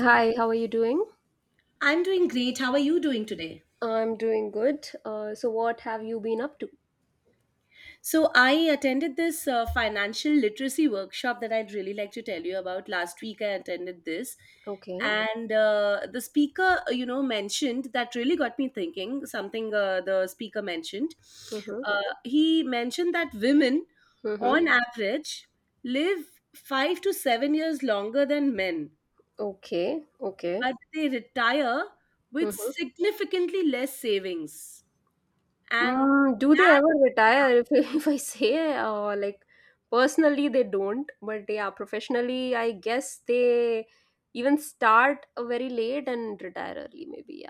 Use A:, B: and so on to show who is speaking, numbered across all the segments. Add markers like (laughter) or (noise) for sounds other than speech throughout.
A: Hi, how are you doing?
B: I'm doing great. How are you doing today?
A: I'm doing good. So what have you been up to?
B: So, I attended this financial literacy workshop that I'd really like to tell you about. Last week, I attended this,
A: Okay.
B: and the speaker, mentioned that really got me thinking, something the speaker mentioned.
A: Mm-hmm.
B: He mentioned that women,
A: Mm-hmm.
B: on average, live 5 to 7 years longer than men,
A: Okay. Okay.
B: but they retire with
A: Mm-hmm.
B: significantly less savings. And
A: Mm, do they
B: that
A: ever retire? (laughs) If I say, like, personally, they don't. But yeah, professionally, I guess they even start very late and retire early, maybe.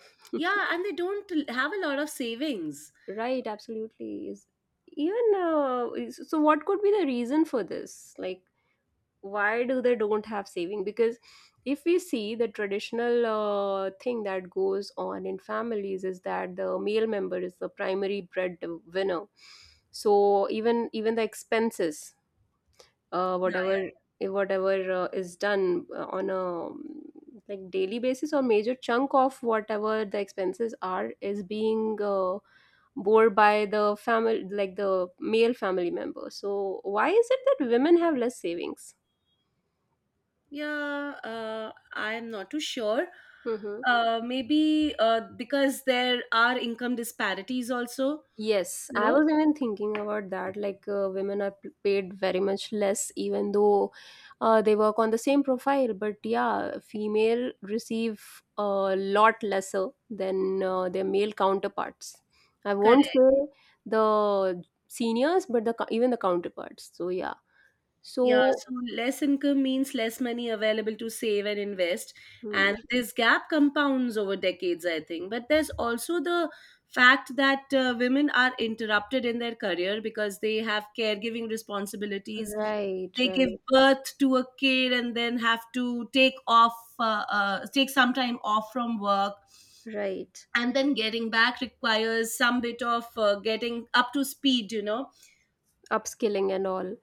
A: Yeah.
B: Yeah, and they don't have a lot of savings.
A: (laughs) Right. Absolutely. Is even What could be the reason for this? Like why do they don't have saving? Because if we see the traditional thing that goes on in families is that the male member is the primary breadwinner, so even the expenses,
B: Yeah.
A: whatever is done on a um, like daily basis, or major chunk of whatever the expenses are, is being bore by the family, like the male family member. So why is it that women have less savings?
B: Yeah, I am not too sure.
A: Mm-hmm.
B: Maybe because there are income disparities also,
A: Yes,
B: you
A: I
B: know.
A: was even thinking about that. Like, women are paid very much less, even though they work on the same profile. But yeah, female receive a lot lesser than their male counterparts. I won't
B: Correct.
A: say the seniors, but the even the counterparts. So yeah.
B: Yeah,
A: So
B: so less income means less money available to save and invest.
A: hmm,
B: And this gap compounds over decades, I think. But there's also the fact that women are interrupted in their career because they have caregiving responsibilities.
A: right,
B: They give
A: right,
B: birth to a kid and then have to take some time off from work.
A: right.
B: And then getting back requires some bit of getting up to speed, you know?
A: Upskilling and all.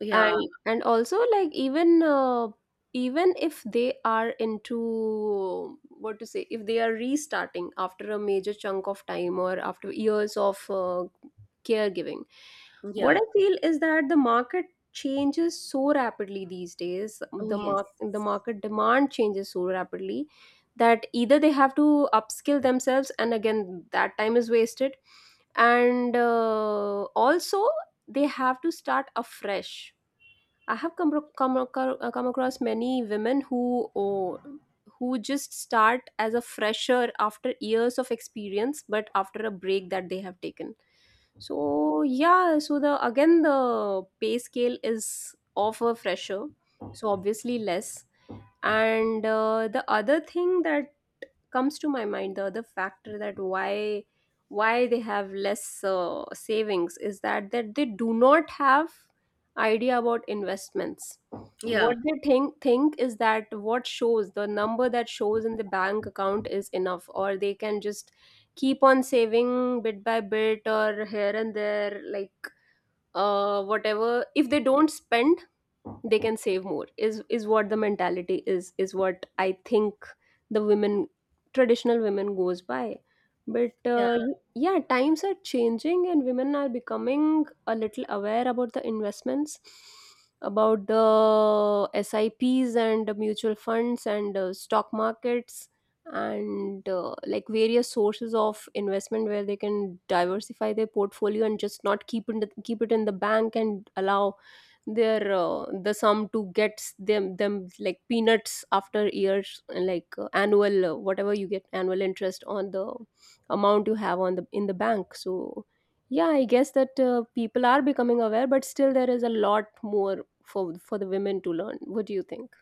B: Yeah,
A: And also, like, even even if they are into, what to say, if they are restarting after a major chunk of time or after years of caregiving, what
B: yeah.
A: I feel is that the market changes so rapidly these days.
B: Oh,
A: the
B: yes.
A: mark the market demand changes so rapidly that either they have to upskill themselves and again that time is wasted, and also they have to start afresh. I have come across many women who oh, who just start as a fresher after years of experience, but after a break that they have taken. So yeah, so the again the pay scale is of a fresher, so obviously less. And the other thing that comes to my mind, the other factor that why they have less savings, is that they do not have idea about investments.
B: Yeah.
A: What they think is that what shows, the number that shows in the bank account is enough, or they can just keep on saving bit by bit or here and there, like whatever, if they don't spend they can save more. Is what the mentality is, what I think the women, traditional women, goes by. But
B: Yeah.
A: yeah, times are changing and women are becoming a little aware about the investments, about the SIPs and the mutual funds and stock markets, and like various sources of investment where they can diversify their portfolio and just not keep in keep it in the bank and allow their the sum to get them like peanuts after years, like annual whatever you get, annual interest on the amount you have on the in the bank. So yeah, I guess that people are becoming aware, but still there is a lot more for the women to learn. What do you think?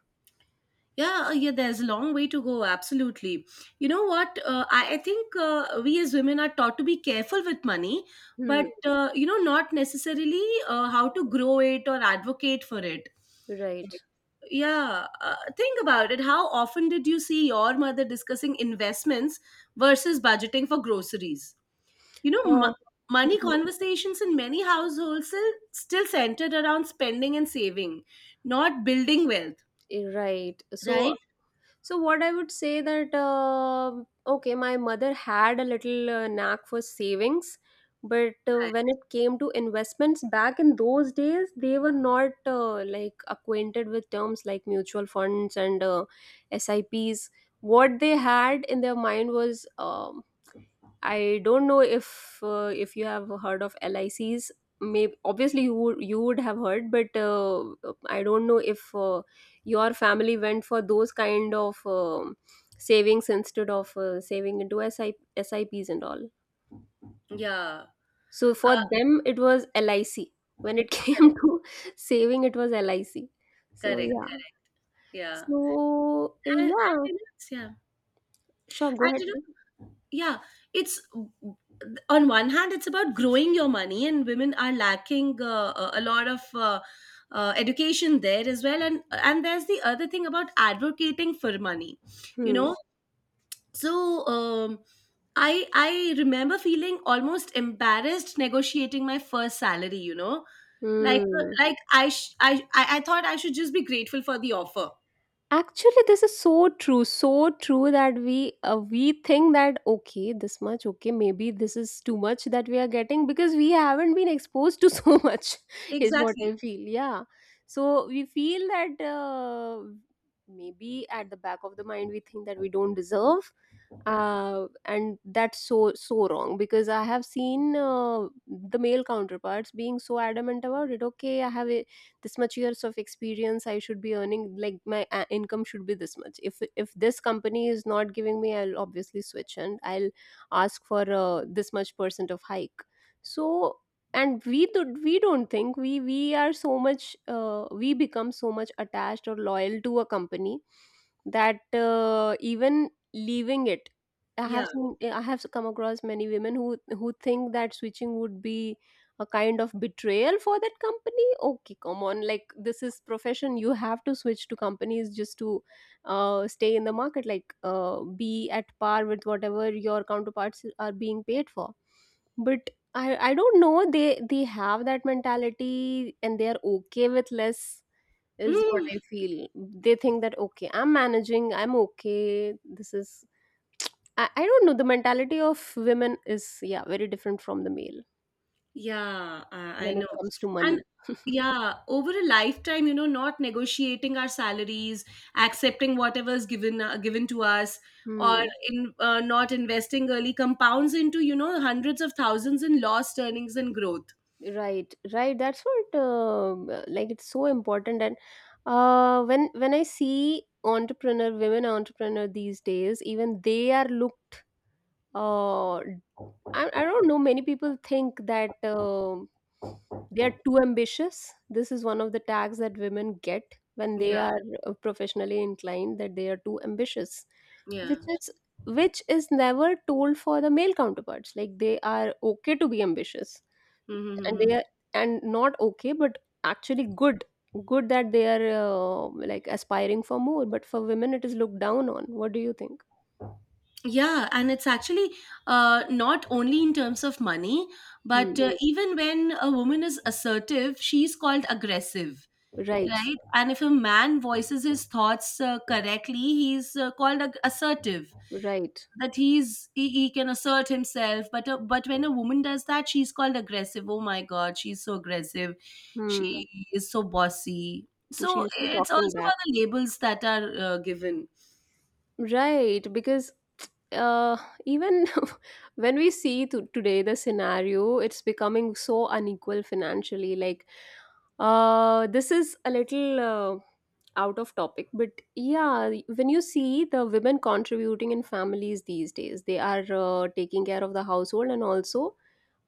B: Yeah, yeah, there's a long way to go, absolutely. You know what? I think we as women are taught to be careful with money, but
A: Hmm.
B: not necessarily how to grow it or advocate for it.
A: Right.
B: Yeah, think about it. How often did you see your mother discussing investments versus budgeting for groceries? You know,
A: uh,
B: money conversations in many households still centered around spending and saving, not building wealth.
A: (laughs) Right. So
B: Right?
A: so what I would say that okay, my mother had a little knack for savings, but
B: Right.
A: when it came to investments back in those days, they were not like acquainted with terms like mutual funds and SIPs. What they had in their mind was I don't know if you have heard of LICs. Maybe obviously you would have heard, but I don't know if your family went for those kind of savings instead of saving into SIPs and all.
B: Yeah.
A: So for
B: Uh,
A: them it was LIC. When it (laughs) came
B: correct,
A: to saving, it was LIC. So
B: correct,
A: yeah.
B: correct. Yeah,
A: So
B: and
A: yeah,
B: you know, yeah,
A: sure. Go
B: and
A: ahead.
B: you know, yeah. It's On one hand, it's about growing your money, and women are lacking a lot of. Education there as well, and there's the other thing about advocating for money, you
A: Hmm.
B: know. So I remember feeling almost embarrassed negotiating my first salary, you know. Like, uh,
A: Hmm.
B: like i sh- I, I i thought I should just be grateful for the offer.
A: Actually, this is so true that we think that okay, this much, okay, maybe this is too much that we are getting because we haven't been exposed to so (laughs) much, is what
B: Exactly.
A: I feel. Yeah, so we feel that maybe at the back of the mind we think that we don't deserve, and that's so so wrong, because I have seen the male counterparts being so adamant about it. Okay, I have this much years of experience, I should be earning, like my income should be this much. If this company is not giving me, I'll obviously switch and I'll ask for this much percent of hike. So and we do, we don't think we are so much we become so much attached or loyal to a company that even leaving it, I
B: Yeah.
A: have seen, I have come across many women who think that switching would be a kind of betrayal for that company. Okay, come on, like, this is profession, you have to switch to companies just to stay in the market, like be at par with whatever your counterparts are being paid for. But I don't know, they have that mentality and they are okay with less, is what
B: Mm,
A: I feel. They think that okay, I'm managing, I'm okay, this is I don't know, the mentality of women is yeah very different from the male
B: yeah, I
A: when
B: know.
A: it comes to
B: And
A: money.
B: yeah, over a lifetime, you know, not negotiating our salaries, accepting whatever's given to us, or
A: Hmm
B: in not investing early compounds into, you know, hundreds of thousands in lost earnings and growth.
A: right right, that's what like it's so important. And when I see entrepreneur, women entrepreneur these days, even they are looked uh i, I don't know, many people think that they are too ambitious. This is one of the tags that women get when they
B: Yeah,
A: are professionally inclined, that they are too ambitious,
B: yeah.
A: which is never told for the male counterparts. Like they are okay to be ambitious, and
B: Mm-hmm.
A: they are, and not okay but actually good, good that they are like aspiring for more, but for women it is looked down on. What do you think?
B: Yeah, and it's actually not only in terms of money, but
A: Hmm.
B: even when a woman is assertive, she's called aggressive,
A: Right,
B: right? And if a man voices his thoughts correctly, he's called assertive.
A: right.
B: That he can assert himself. But when a woman does that, she's called aggressive. Oh my god, she's so aggressive. She
A: Hmm.
B: is so bossy.
A: And
B: So
A: she's
B: it's
A: talking
B: also
A: back.
B: about the labels that are given.
A: Right, because uh, even (laughs) when we see to today the scenario, it's becoming so unequal financially. Like, this is a little out of topic, but yeah, when you see the women contributing in families these days, they are taking care of the household and also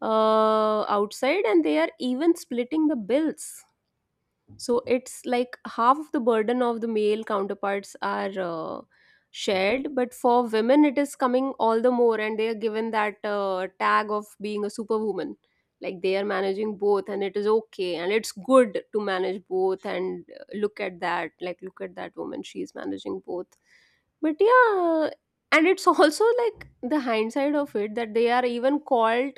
A: outside, and they are even splitting the bills. So it's like half of the burden of the male counterparts are shared, but for women it is coming all the more, and they are given that tag of being a superwoman, like they are managing both and it is okay, and it's good to manage both. And look at that, like, look at that woman, she is managing both. But yeah, and it's (laughs) also like the hindsight of it that they are even called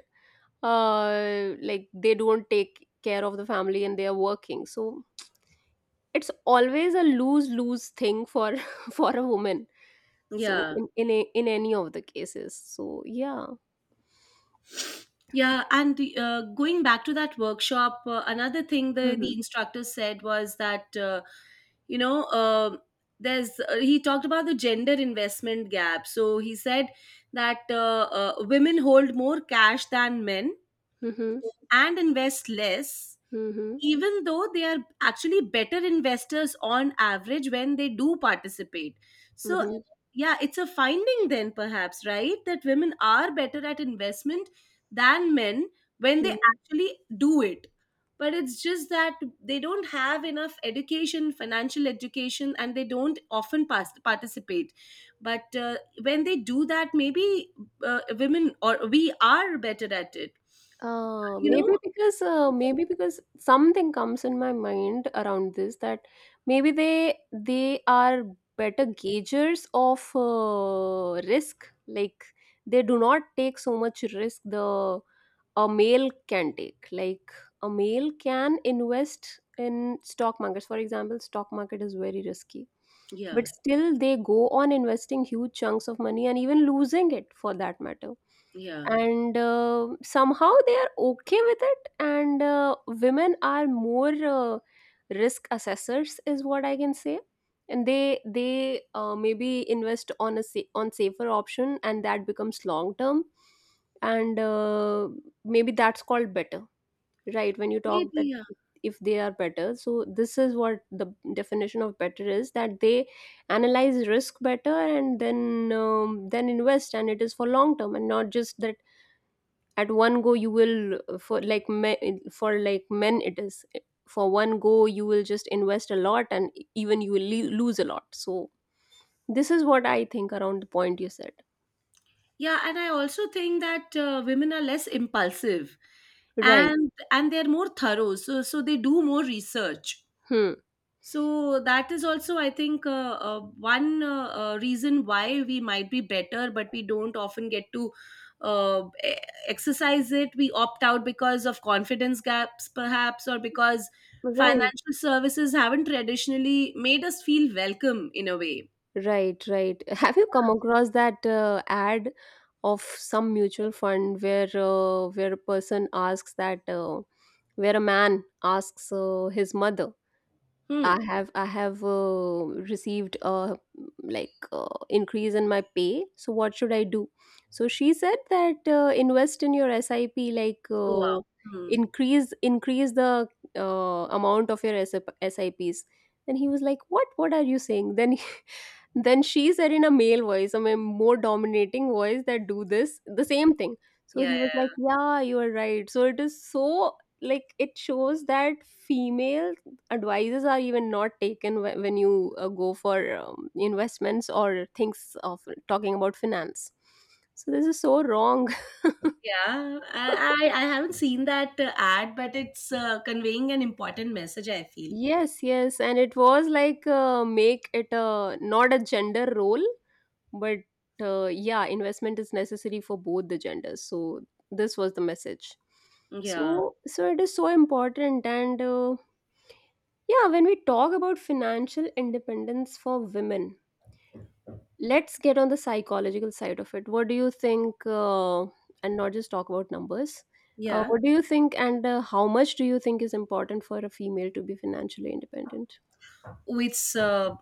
A: like they don't take care of the family and they are working. So it's always a lose lose thing for (laughs) for a woman. So
B: Yeah.
A: in in any of the cases. So yeah.
B: Yeah, and going back to that workshop, another thing the
A: Mm-hmm.
B: the instructor said was that, you know there's he talked about the gender investment gap. So he said that women hold more cash than men
A: Mm-hmm.
B: and invest less,
A: Mm-hmm.
B: even though they are actually better investors on average when they do participate. So,
A: Mm-hmm.
B: yeah, it's a finding then, perhaps, right? That women are better at investment than men when they
A: Hmm.
B: actually do it. But it's just that they don't have enough education, financial education, and they don't often participate. But when they do that, maybe women or we are better at it.
A: Uh,
B: You know?
A: maybe because uh, maybe because something comes in my mind around this, that maybe they are better gaugers of risk. Like, they do not take so much risk the a male can take. Like, a male can invest in stock markets, for example. Stock market is very risky, but
B: Yeah,
A: still they go on investing huge chunks of money and even losing it, for that matter.
B: yeah.
A: And somehow they are okay with it. And women are more risk assessors, is what I can say. And they maybe invest on a on safer option, and that becomes long term. And maybe that's called better. Right, when you talk that,
B: Maybe.
A: if they are better, so this is what the definition of better is, that they analyze risk better and then invest, and it is for long term and not just that at one go you will for like for like men, it is for one go you will just invest a lot, and even you will lose a lot. So this is what I think around the point you said.
B: Yeah, and I also think that women are less impulsive,
A: Right.
B: and they're more thorough. So they do more research.
A: Hmm.
B: So that is also, I think, one reason why we might be better, but we don't often get to uh, e- exercise it. We opt out because of confidence gaps, perhaps, or because
A: Right,
B: financial services haven't traditionally made us feel welcome in a way.
A: right, right. Have you come across that ad of some mutual fund where a person asks that where a man asks his mother,
B: Hmm.
A: I have I have received a like increase in my pay. So what should I do? So she said that invest in your SIP, like
B: Go on. Hmm.
A: increase the amount of your SIPs. Then he was like, "What? What are you saying?" Then he- (laughs) then she said in a male voice, I mean more dominating voice, that do this the same thing. So
B: Yeah, yeah.
A: he was like,
B: Yeah.
A: "Yeah, you are right." So it is so like it shows that female advices are even not taken when you go for investments or things of talking about finance, so this is so wrong.
B: Yeah, I haven't seen that ad, but it's conveying an important message, I
A: (laughs)
B: feel.
A: Yes, yes, and it was like, make it a not a gender role, but yeah, investment is necessary for both the genders, so this was the message.
B: Yeah,
A: So it is so important. And yeah, when we talk about financial independence for women, let's get on the psychological side of it. What do you think, and not just talk about numbers?
B: yeah.
A: What do you think, and how much do you think is important for a female to be financially independent?
B: It's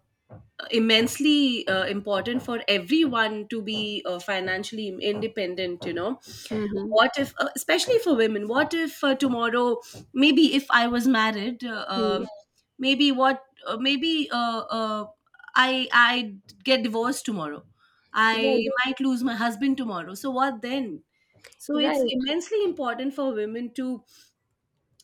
B: immensely important for everyone to be financially independent, you know.
A: Mm-hmm.
B: What if, Especially for women, what if tomorrow, maybe if I was married, maybe what, maybe I get divorced tomorrow. I might lose my husband tomorrow. So what then? So it's
A: Right,
B: immensely important for women to,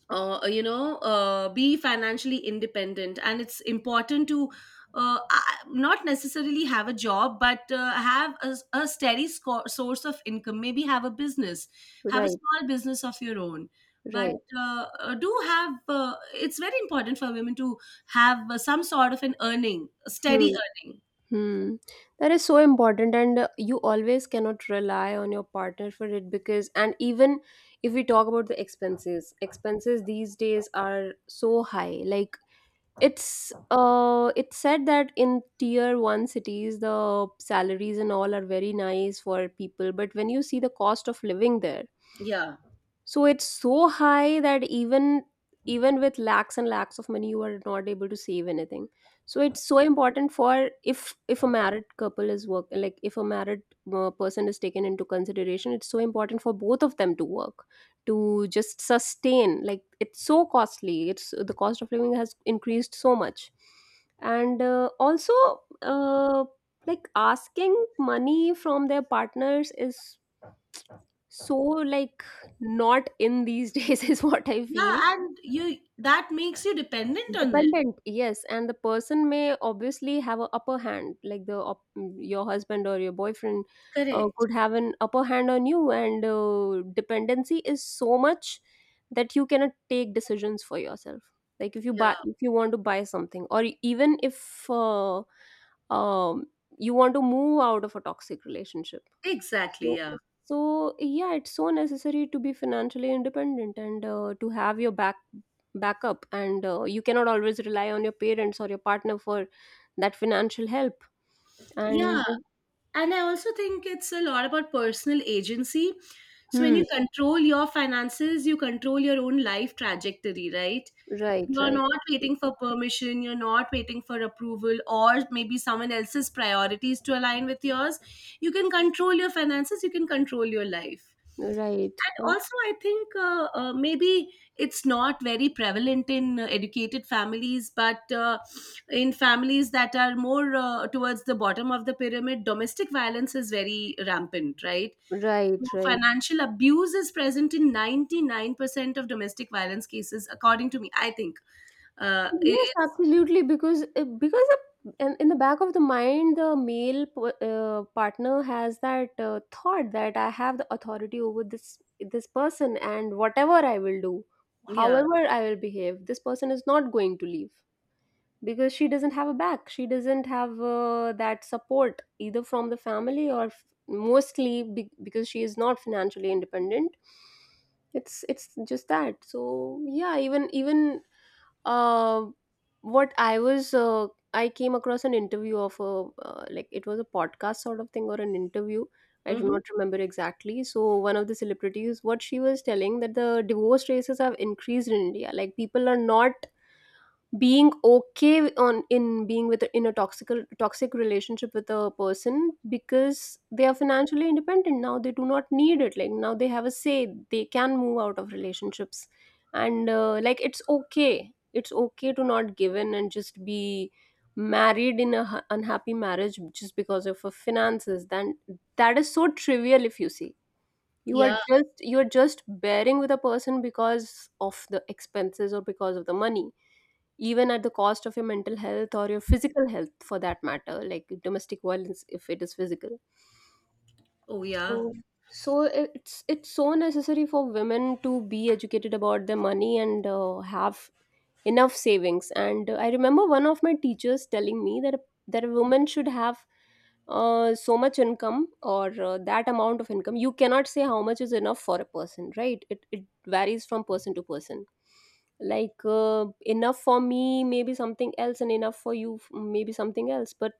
B: be financially independent, and it's important to not necessarily have a job, but have a steady source of income. Maybe have a business, have a
A: right,
B: small business of your own.
A: right,
B: But
A: right.
B: do have It's very important for women to have some sort of an earning, a steady
A: Hmm.
B: earning.
A: Hmm. That is so important, and you always cannot rely on your partner for it, because, and even if we talk about the expenses these days are so high. Like, it's said that in tier 1 cities the salaries and all are very nice for people, but when you see the cost of living there,
B: Yeah,
A: so it's so high that even with lakhs and lakhs of money you are not able to save anything. So it's so important for, if a married couple is work, like if a married person is taken into consideration, it's so important for both of them to work, to just sustain. Like, it's so costly. It's the cost of living has increased so much. And also, uh, like, asking money from their partners is, so, like, not in these (laughs) days is what I
B: yeah,
A: feel.
B: and you that makes you dependent on them.
A: Dependent, yes, and the person may obviously have an upper hand, like the your husband or your boyfriend
B: Correct.
A: could have an upper hand on you, and dependency is so much that you cannot take decisions for yourself. Like,
B: Yeah,
A: if you want to buy something, or even if um, you want to move out of a toxic relationship.
B: exactly.
A: so,
B: Yeah.
A: so yeah, it's so necessary to be financially independent and to have your backup, and you cannot always rely on your parents or your partner for that financial help.
B: Yeah,
A: And
B: and I also think it's a lot about personal agency. So when
A: hmm,
B: you control your finances, you control your own life trajectory, right?
A: right,
B: You're
A: right,
B: not waiting for permission, you're not waiting for approval, or maybe someone else's priorities to align with yours. You can control your finances, you can control your life.
A: right,
B: And also, I think maybe it's not very prevalent in educated families, but in families that are more towards the bottom of the pyramid, domestic violence is very rampant, right? So
A: right, right.
B: financial abuse is present in 99% of domestic violence cases, according to me. I think, uh, it-
A: Yes,
B: it's,
A: absolutely. Because in the back of the mind, the partner has that thought that I have the authority over this person, and whatever I will do,
B: yeah.
A: however I will behave, this person is not going to leave, because she doesn't have a back. She doesn't have that support, either from the family or mostly because she is not financially independent. It's just that. So yeah, even uh, what I was, uh, I came across an interview of like, it was a podcast sort of thing or an interview. I do
B: Hmm.
A: not remember exactly. So one of the celebrities, what she was telling, that the divorce rates have increased in India. Like, people are not being okay on in being with in a toxic relationship with a person, because they are financially independent now. They do not need it. Like, now they have a say, they can move out of relationships. And like, it's okay, it's okay to not give in and just be married in a unhappy marriage just because of your finances, then that is so trivial. If you see, you are
B: Yeah.
A: just, you are just bearing with a person because of the expenses or because of the money, even at the cost of your mental health or your physical health, for that matter, like domestic violence if it is physical.
B: Oh, yeah.
A: So so it's so necessary for women to be educated about their money and have enough savings. And I remember one of my teachers telling me that a, that a woman should have so much income, or that amount of income. You cannot say how much is enough for a person, right? It varies from person to person. Like, enough for me maybe something else and enough for you, maybe something else, but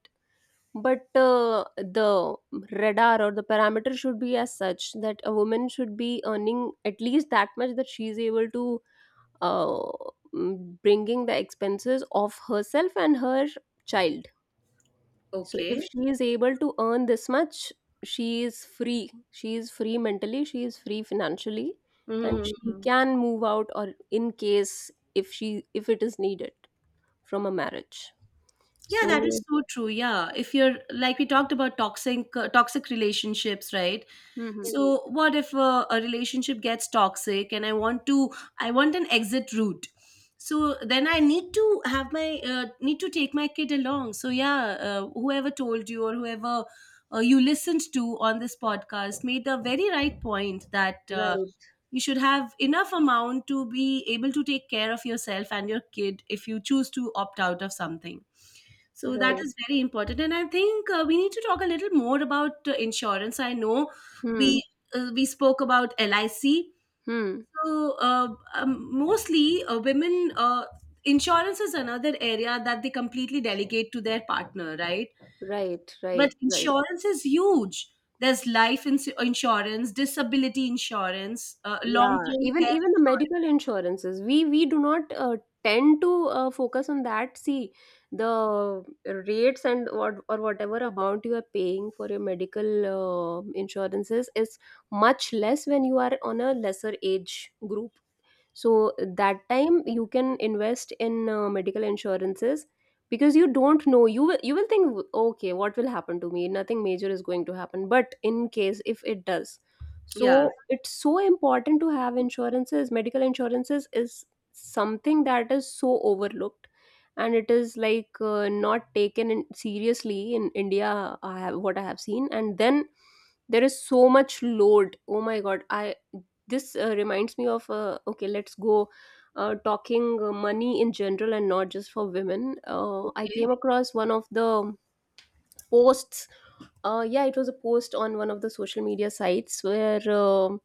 A: but uh, the radar or the parameter should be as such that a woman should be earning at least that much, that she is able to uh, bringing the expenses of herself and her child. So if
B: Okay.
A: she is able to earn this much, she is free. She is free mentally, she is free financially, and she
B: Hmm.
A: can move out, or in case, if it is needed, from a marriage.
B: Yeah, that is
A: So.
B: so true. Yeah. If you're like we talked about toxic relationships, right?
A: Mhm.
B: So what if a relationship gets toxic and I want an exit route. So then I need to have my need to take my kid along. So yeah, whoever told you or whoever you listened to on this podcast made a very right point that
A: Right,
B: you should have enough amount to be able to take care of yourself and your kid if you choose to opt out of something. So yeah, that
A: right.
B: is very important. And I think we need to talk a little more about insurance. I know
A: Hmm.
B: we we spoke about LIC.
A: Hmm.
B: So uh, um, mostly women, insurance is another area that they completely delegate to their partner, right?
A: Right,
B: But
A: right, right.
B: insurance is huge. There's life insurance, disability insurance, long
A: Yeah,
B: term
A: even
B: care.
A: even the medical insurances, we do not tend to focus on that. See, the rates and what or whatever amount you are paying for your medical insurances is much less when you are on a lesser age group, so that time you can invest in medical insurances, because you don't know, you will, you will think, okay, what will happen to me, nothing major is going to happen, but in case if it does. So
B: Yeah.
A: yeah, it's so important to have insurances. Medical insurances is something that is so overlooked, and it is like not taken in, seriously, in India, I have, what I have seen. And then there is so much load. Oh my god, I this reminds me of, okay, let's go, talking money in general and not just for women. I
B: Okay.
A: came across one of the posts. Yeah, it was a post on one of the social media sites where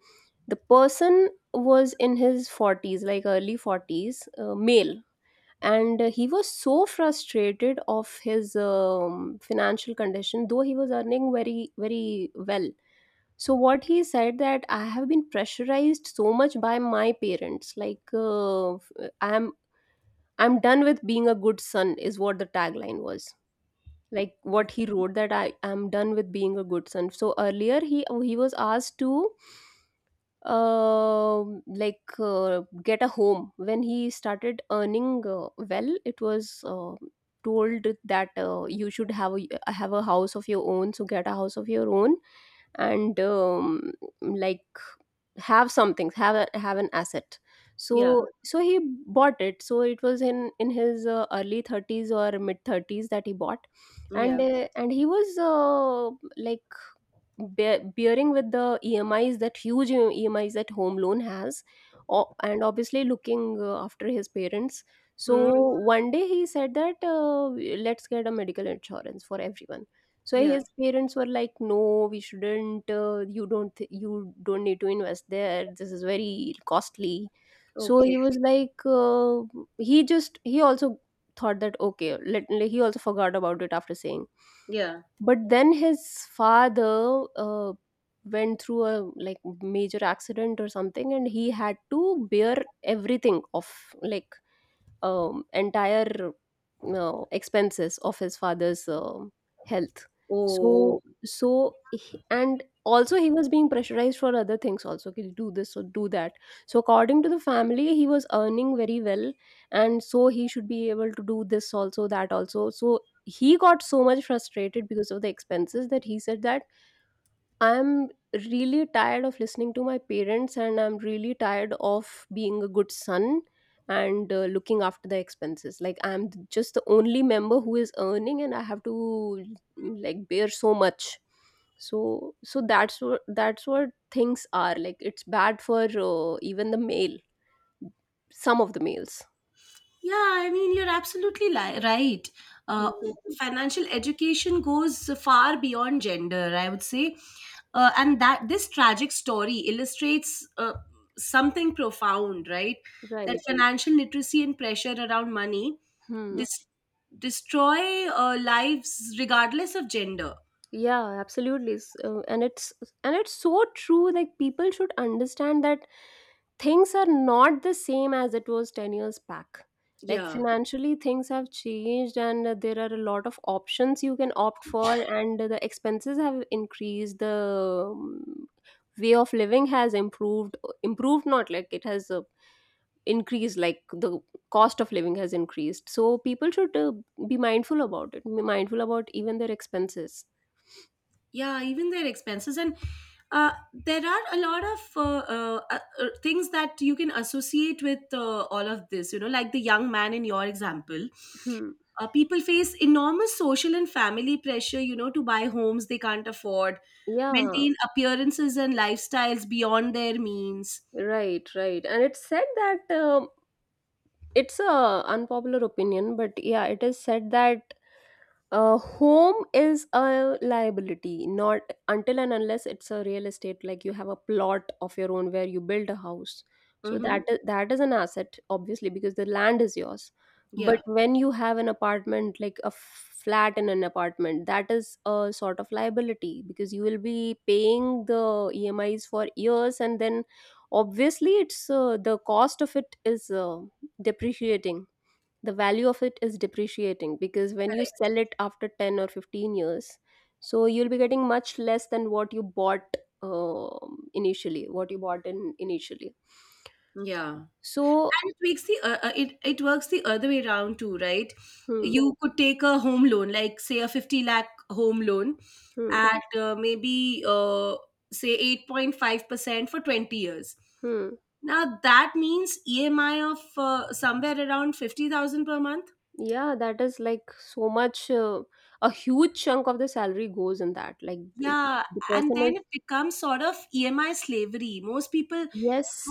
A: the person was in his 40s, like early 40s, male. And he was so frustrated of his financial condition, though he was earning very, very well. So what he said, that I have been pressurized so much by my parents, like, I'm I'm done with being a good son, is what the tagline was. Like, what he wrote, that I am done with being a good son. So earlier, he was asked to uh, like, get a home when he started earning well. It was told that you should have a house of your own. So get a house of your own, and like, have something, have an asset.
B: Yeah.
A: So he bought it, so it was in his early 30s or mid 30s that he bought.
B: Yeah.
A: And he was like, bearing with the E M is, that huge EMIs that home loan has, and obviously looking after his parents. So
B: Hmm.
A: one day he said that, let's get a medical insurance for everyone. So
B: Yeah.
A: his parents were like, "No, we shouldn't. You don't. You don't need to invest there. This is very costly." So
B: Okay.
A: he was like, he also thought that, okay, let he also forgot about it after saying.
B: Yeah.
A: But then his father went through a like major accident or something, and he had to bear everything of, like, entire expenses of his father's health.
B: Oh.
A: So he- and also he was being pressurized for other things also, okay, do this or do that. So according to the family, he was earning very well, and so he should be able to do this also, that also. So he got so much frustrated because of the expenses that he said that I'm really tired of listening to my parents, and I'm really tired of being a good son and looking after the expenses. Like, I'm just the only member who is earning, and I have to like, bear so much. So that's what things are like. It's bad for even the male, some of the males.
B: Yeah, I mean, you're absolutely right. Uh,
A: Hmm.
B: financial education goes far beyond gender, I would say. And that this tragic story illustrates something profound, right? That
A: Right.
B: financial literacy and pressure around money
A: Hmm.
B: dis- destroy lives regardless of gender.
A: Yeah, absolutely. And it's so true. Like, people should understand that things are not the same as it was 10 years back. Like,
B: Yeah,
A: financially things have changed, and there are a lot of options you can opt for, and the expenses have increased, the way of living has improved, not like it has increased, like the cost of living has increased. So people should be mindful about it, be mindful about even their expenses.
B: yeah, even their expenses. And Uh, there are a lot of things that you can associate with all of this, you know, like the young man in your example.
A: hmm.
B: People face enormous social and family pressure, you know, to buy homes they can't afford,
A: Yeah,
B: maintain appearances and lifestyles beyond their means.
A: right, right, and it's said that it's a unpopular opinion, but yeah, it is said that home is a liability, not until and unless it's a real estate, like you have a plot of your own where you build a house. So
B: Mm-hmm.
A: that is an asset, obviously, because the land is yours. But
B: Yeah,
A: when you have an apartment, like a flat in an apartment, that is a sort of liability because you will be paying the EMIs for years, and then obviously it's the cost of it is depreciating. The value of it is depreciating because when you
B: correct.
A: sell it after 10 or 15 years, so you'll be getting much less than what you bought, initially, what you bought in initially.
B: Yeah.
A: So
B: And it works the other way around too, right?
A: hmm,
B: You could take a home loan, like say a 50 lakh home loan
A: hmm,
B: at, maybe say 8.5% for 20 years.
A: hmm.
B: Now that means EMI of somewhere around 50,000 per month.
A: Yeah, that is like so much, a huge chunk of the salary goes in that, like
B: Yeah,
A: the
B: and
A: person is,
B: then it becomes sort of EMI slavery. Most people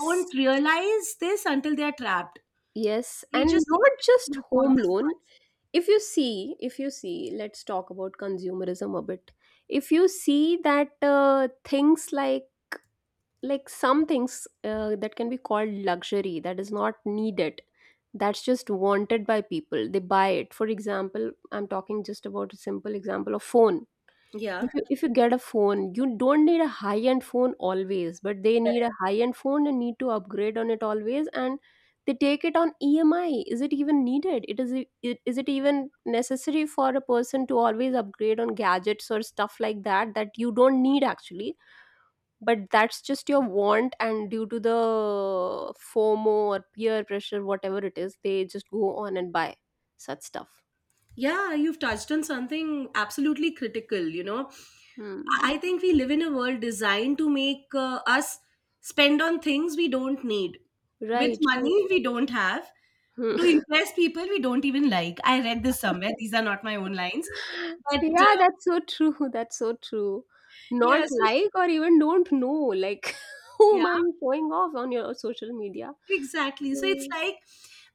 B: don't realize this until they are trapped.
A: Yes,
B: They
A: and
B: just think
A: not
B: that they
A: just
B: can afford
A: home
B: this
A: loan.
B: much.
A: If you see, if you see, let's talk about consumerism a bit. If you see that things like some things that can be called luxury, that is not needed, that's just wanted by people, they buy it. For example, I'm talking just about a simple example of phone.
B: Yeah.
A: If you, if you get a phone, you don't need a high end phone always, but they need a high end phone and need to upgrade on it always, and they take it on EMI. Is it even needed? It, is it even necessary for a person to always upgrade on gadgets or stuff like that that you don't need actually, but that's just your want, and due to the FOMO or peer pressure, whatever it is, they just go on and buy such stuff.
B: Yeah, you've touched on something absolutely critical, you know.
A: Hmm.
B: I think we live in a world designed to make us spend on things we don't need, with
A: Right. Right.
B: money we don't have,
A: Hmm.
B: to impress people we don't even like. I read this somewhere. These are not my own lines. But
A: Yeah, that's so true. (laughs) That's so true. Not
B: Yeah, so it's,
A: like or even don't know, like (laughs)
B: yeah,
A: whom are you showing off on your social media?
B: exactly. So it's
A: Mm.
B: like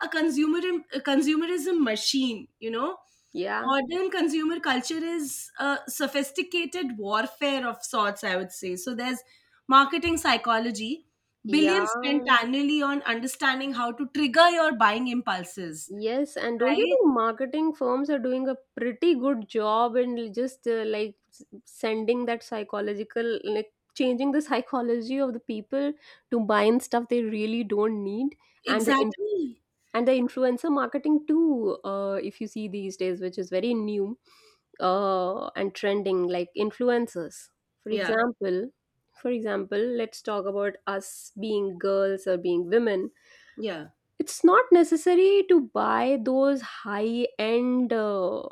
B: a consumer a consumerism machine, you know.
A: Yeah,
B: Modern consumer culture is a sophisticated warfare of sorts, I would say. So there's marketing psychology, billions spent
A: yeah,
B: annually on understanding how to trigger your buying impulses,
A: yes. And don't you
B: right?
A: think marketing firms are doing a pretty good job in just like sending that psychological, like changing the (laughs) psychology of the people to buying stuff they really don't need? And the,
B: Exactly.
A: and the influencer marketing too, if you see these days, which is very new and trending, like influencers, for
B: Yeah,
A: example, for example, let's talk about us being girls or being women.
B: yeah,
A: It's not necessary to buy those high end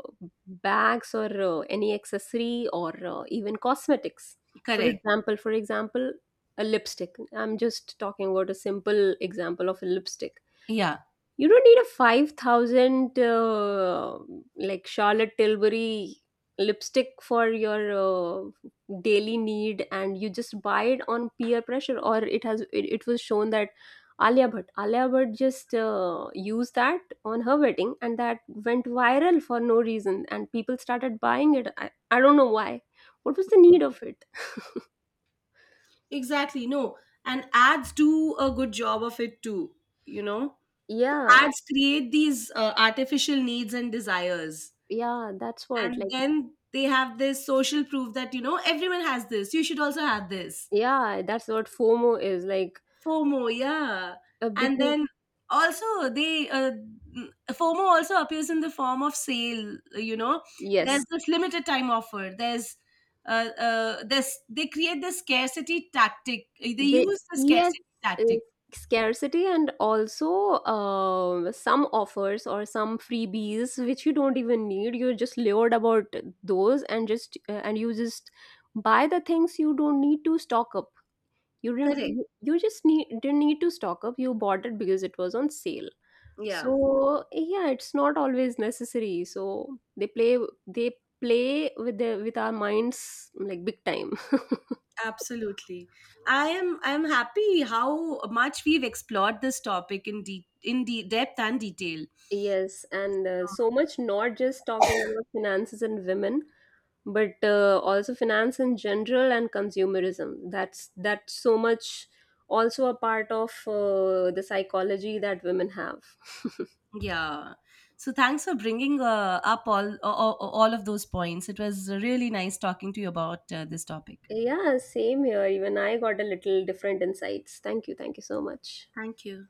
A: bags or any accessory or even cosmetics. For
B: correct.
A: example, for example, a lipstick, I'm just talking about a simple example of a lipstick.
B: Yeah,
A: You don't need a 5,000 like Charlotte Tilbury lipstick for your daily need, and you just buy it on peer pressure. Or it has it, it was shown that Alia Bhatt just used that on her wedding, and that went viral for no reason, and people started buying it. I don't know why, what was the need of it.
B: exactly. No, and ads do a good job of it too, you know?
A: Yeah,
B: Ads create these artificial needs and desires.
A: yeah, that's what
B: And
A: like,
B: then they have this social proof that, you know, everyone has this, you should also have this.
A: yeah, that's what FOMO is like,
B: FOMO, yeah. And
A: because
B: then also they FOMO also appears in the form of sale, you know. There's
A: yes.
B: this limited time offer. There's this they create the scarcity tactic. They
A: The
B: use the
A: yes,
B: scarcity
A: uh,
B: tactic.
A: scarcity, and also some offers or some freebies which you don't even need. You're just lured about those, and just and you just buy the things you don't need to stock up. You didn't.
B: Correct.
A: You just need didn't need to stock up. You bought it because it was on sale.
B: Yeah,
A: So yeah, it's not always necessary. So they play, they play with the, with our minds, like big time.
B: absolutely. I'm happy how much we've explored this topic in depth and detail.
A: Yes, and so much, not just talking about finances and women, but also finance in general and consumerism. That's so much also a part of the psychology that women have. (laughs)
B: Yeah. So thanks for bringing up all of those points. It was really nice talking to you about this topic.
A: Yeah, same here. Even I got a little different insights. Thank you. Thank you so much.
B: Thank you.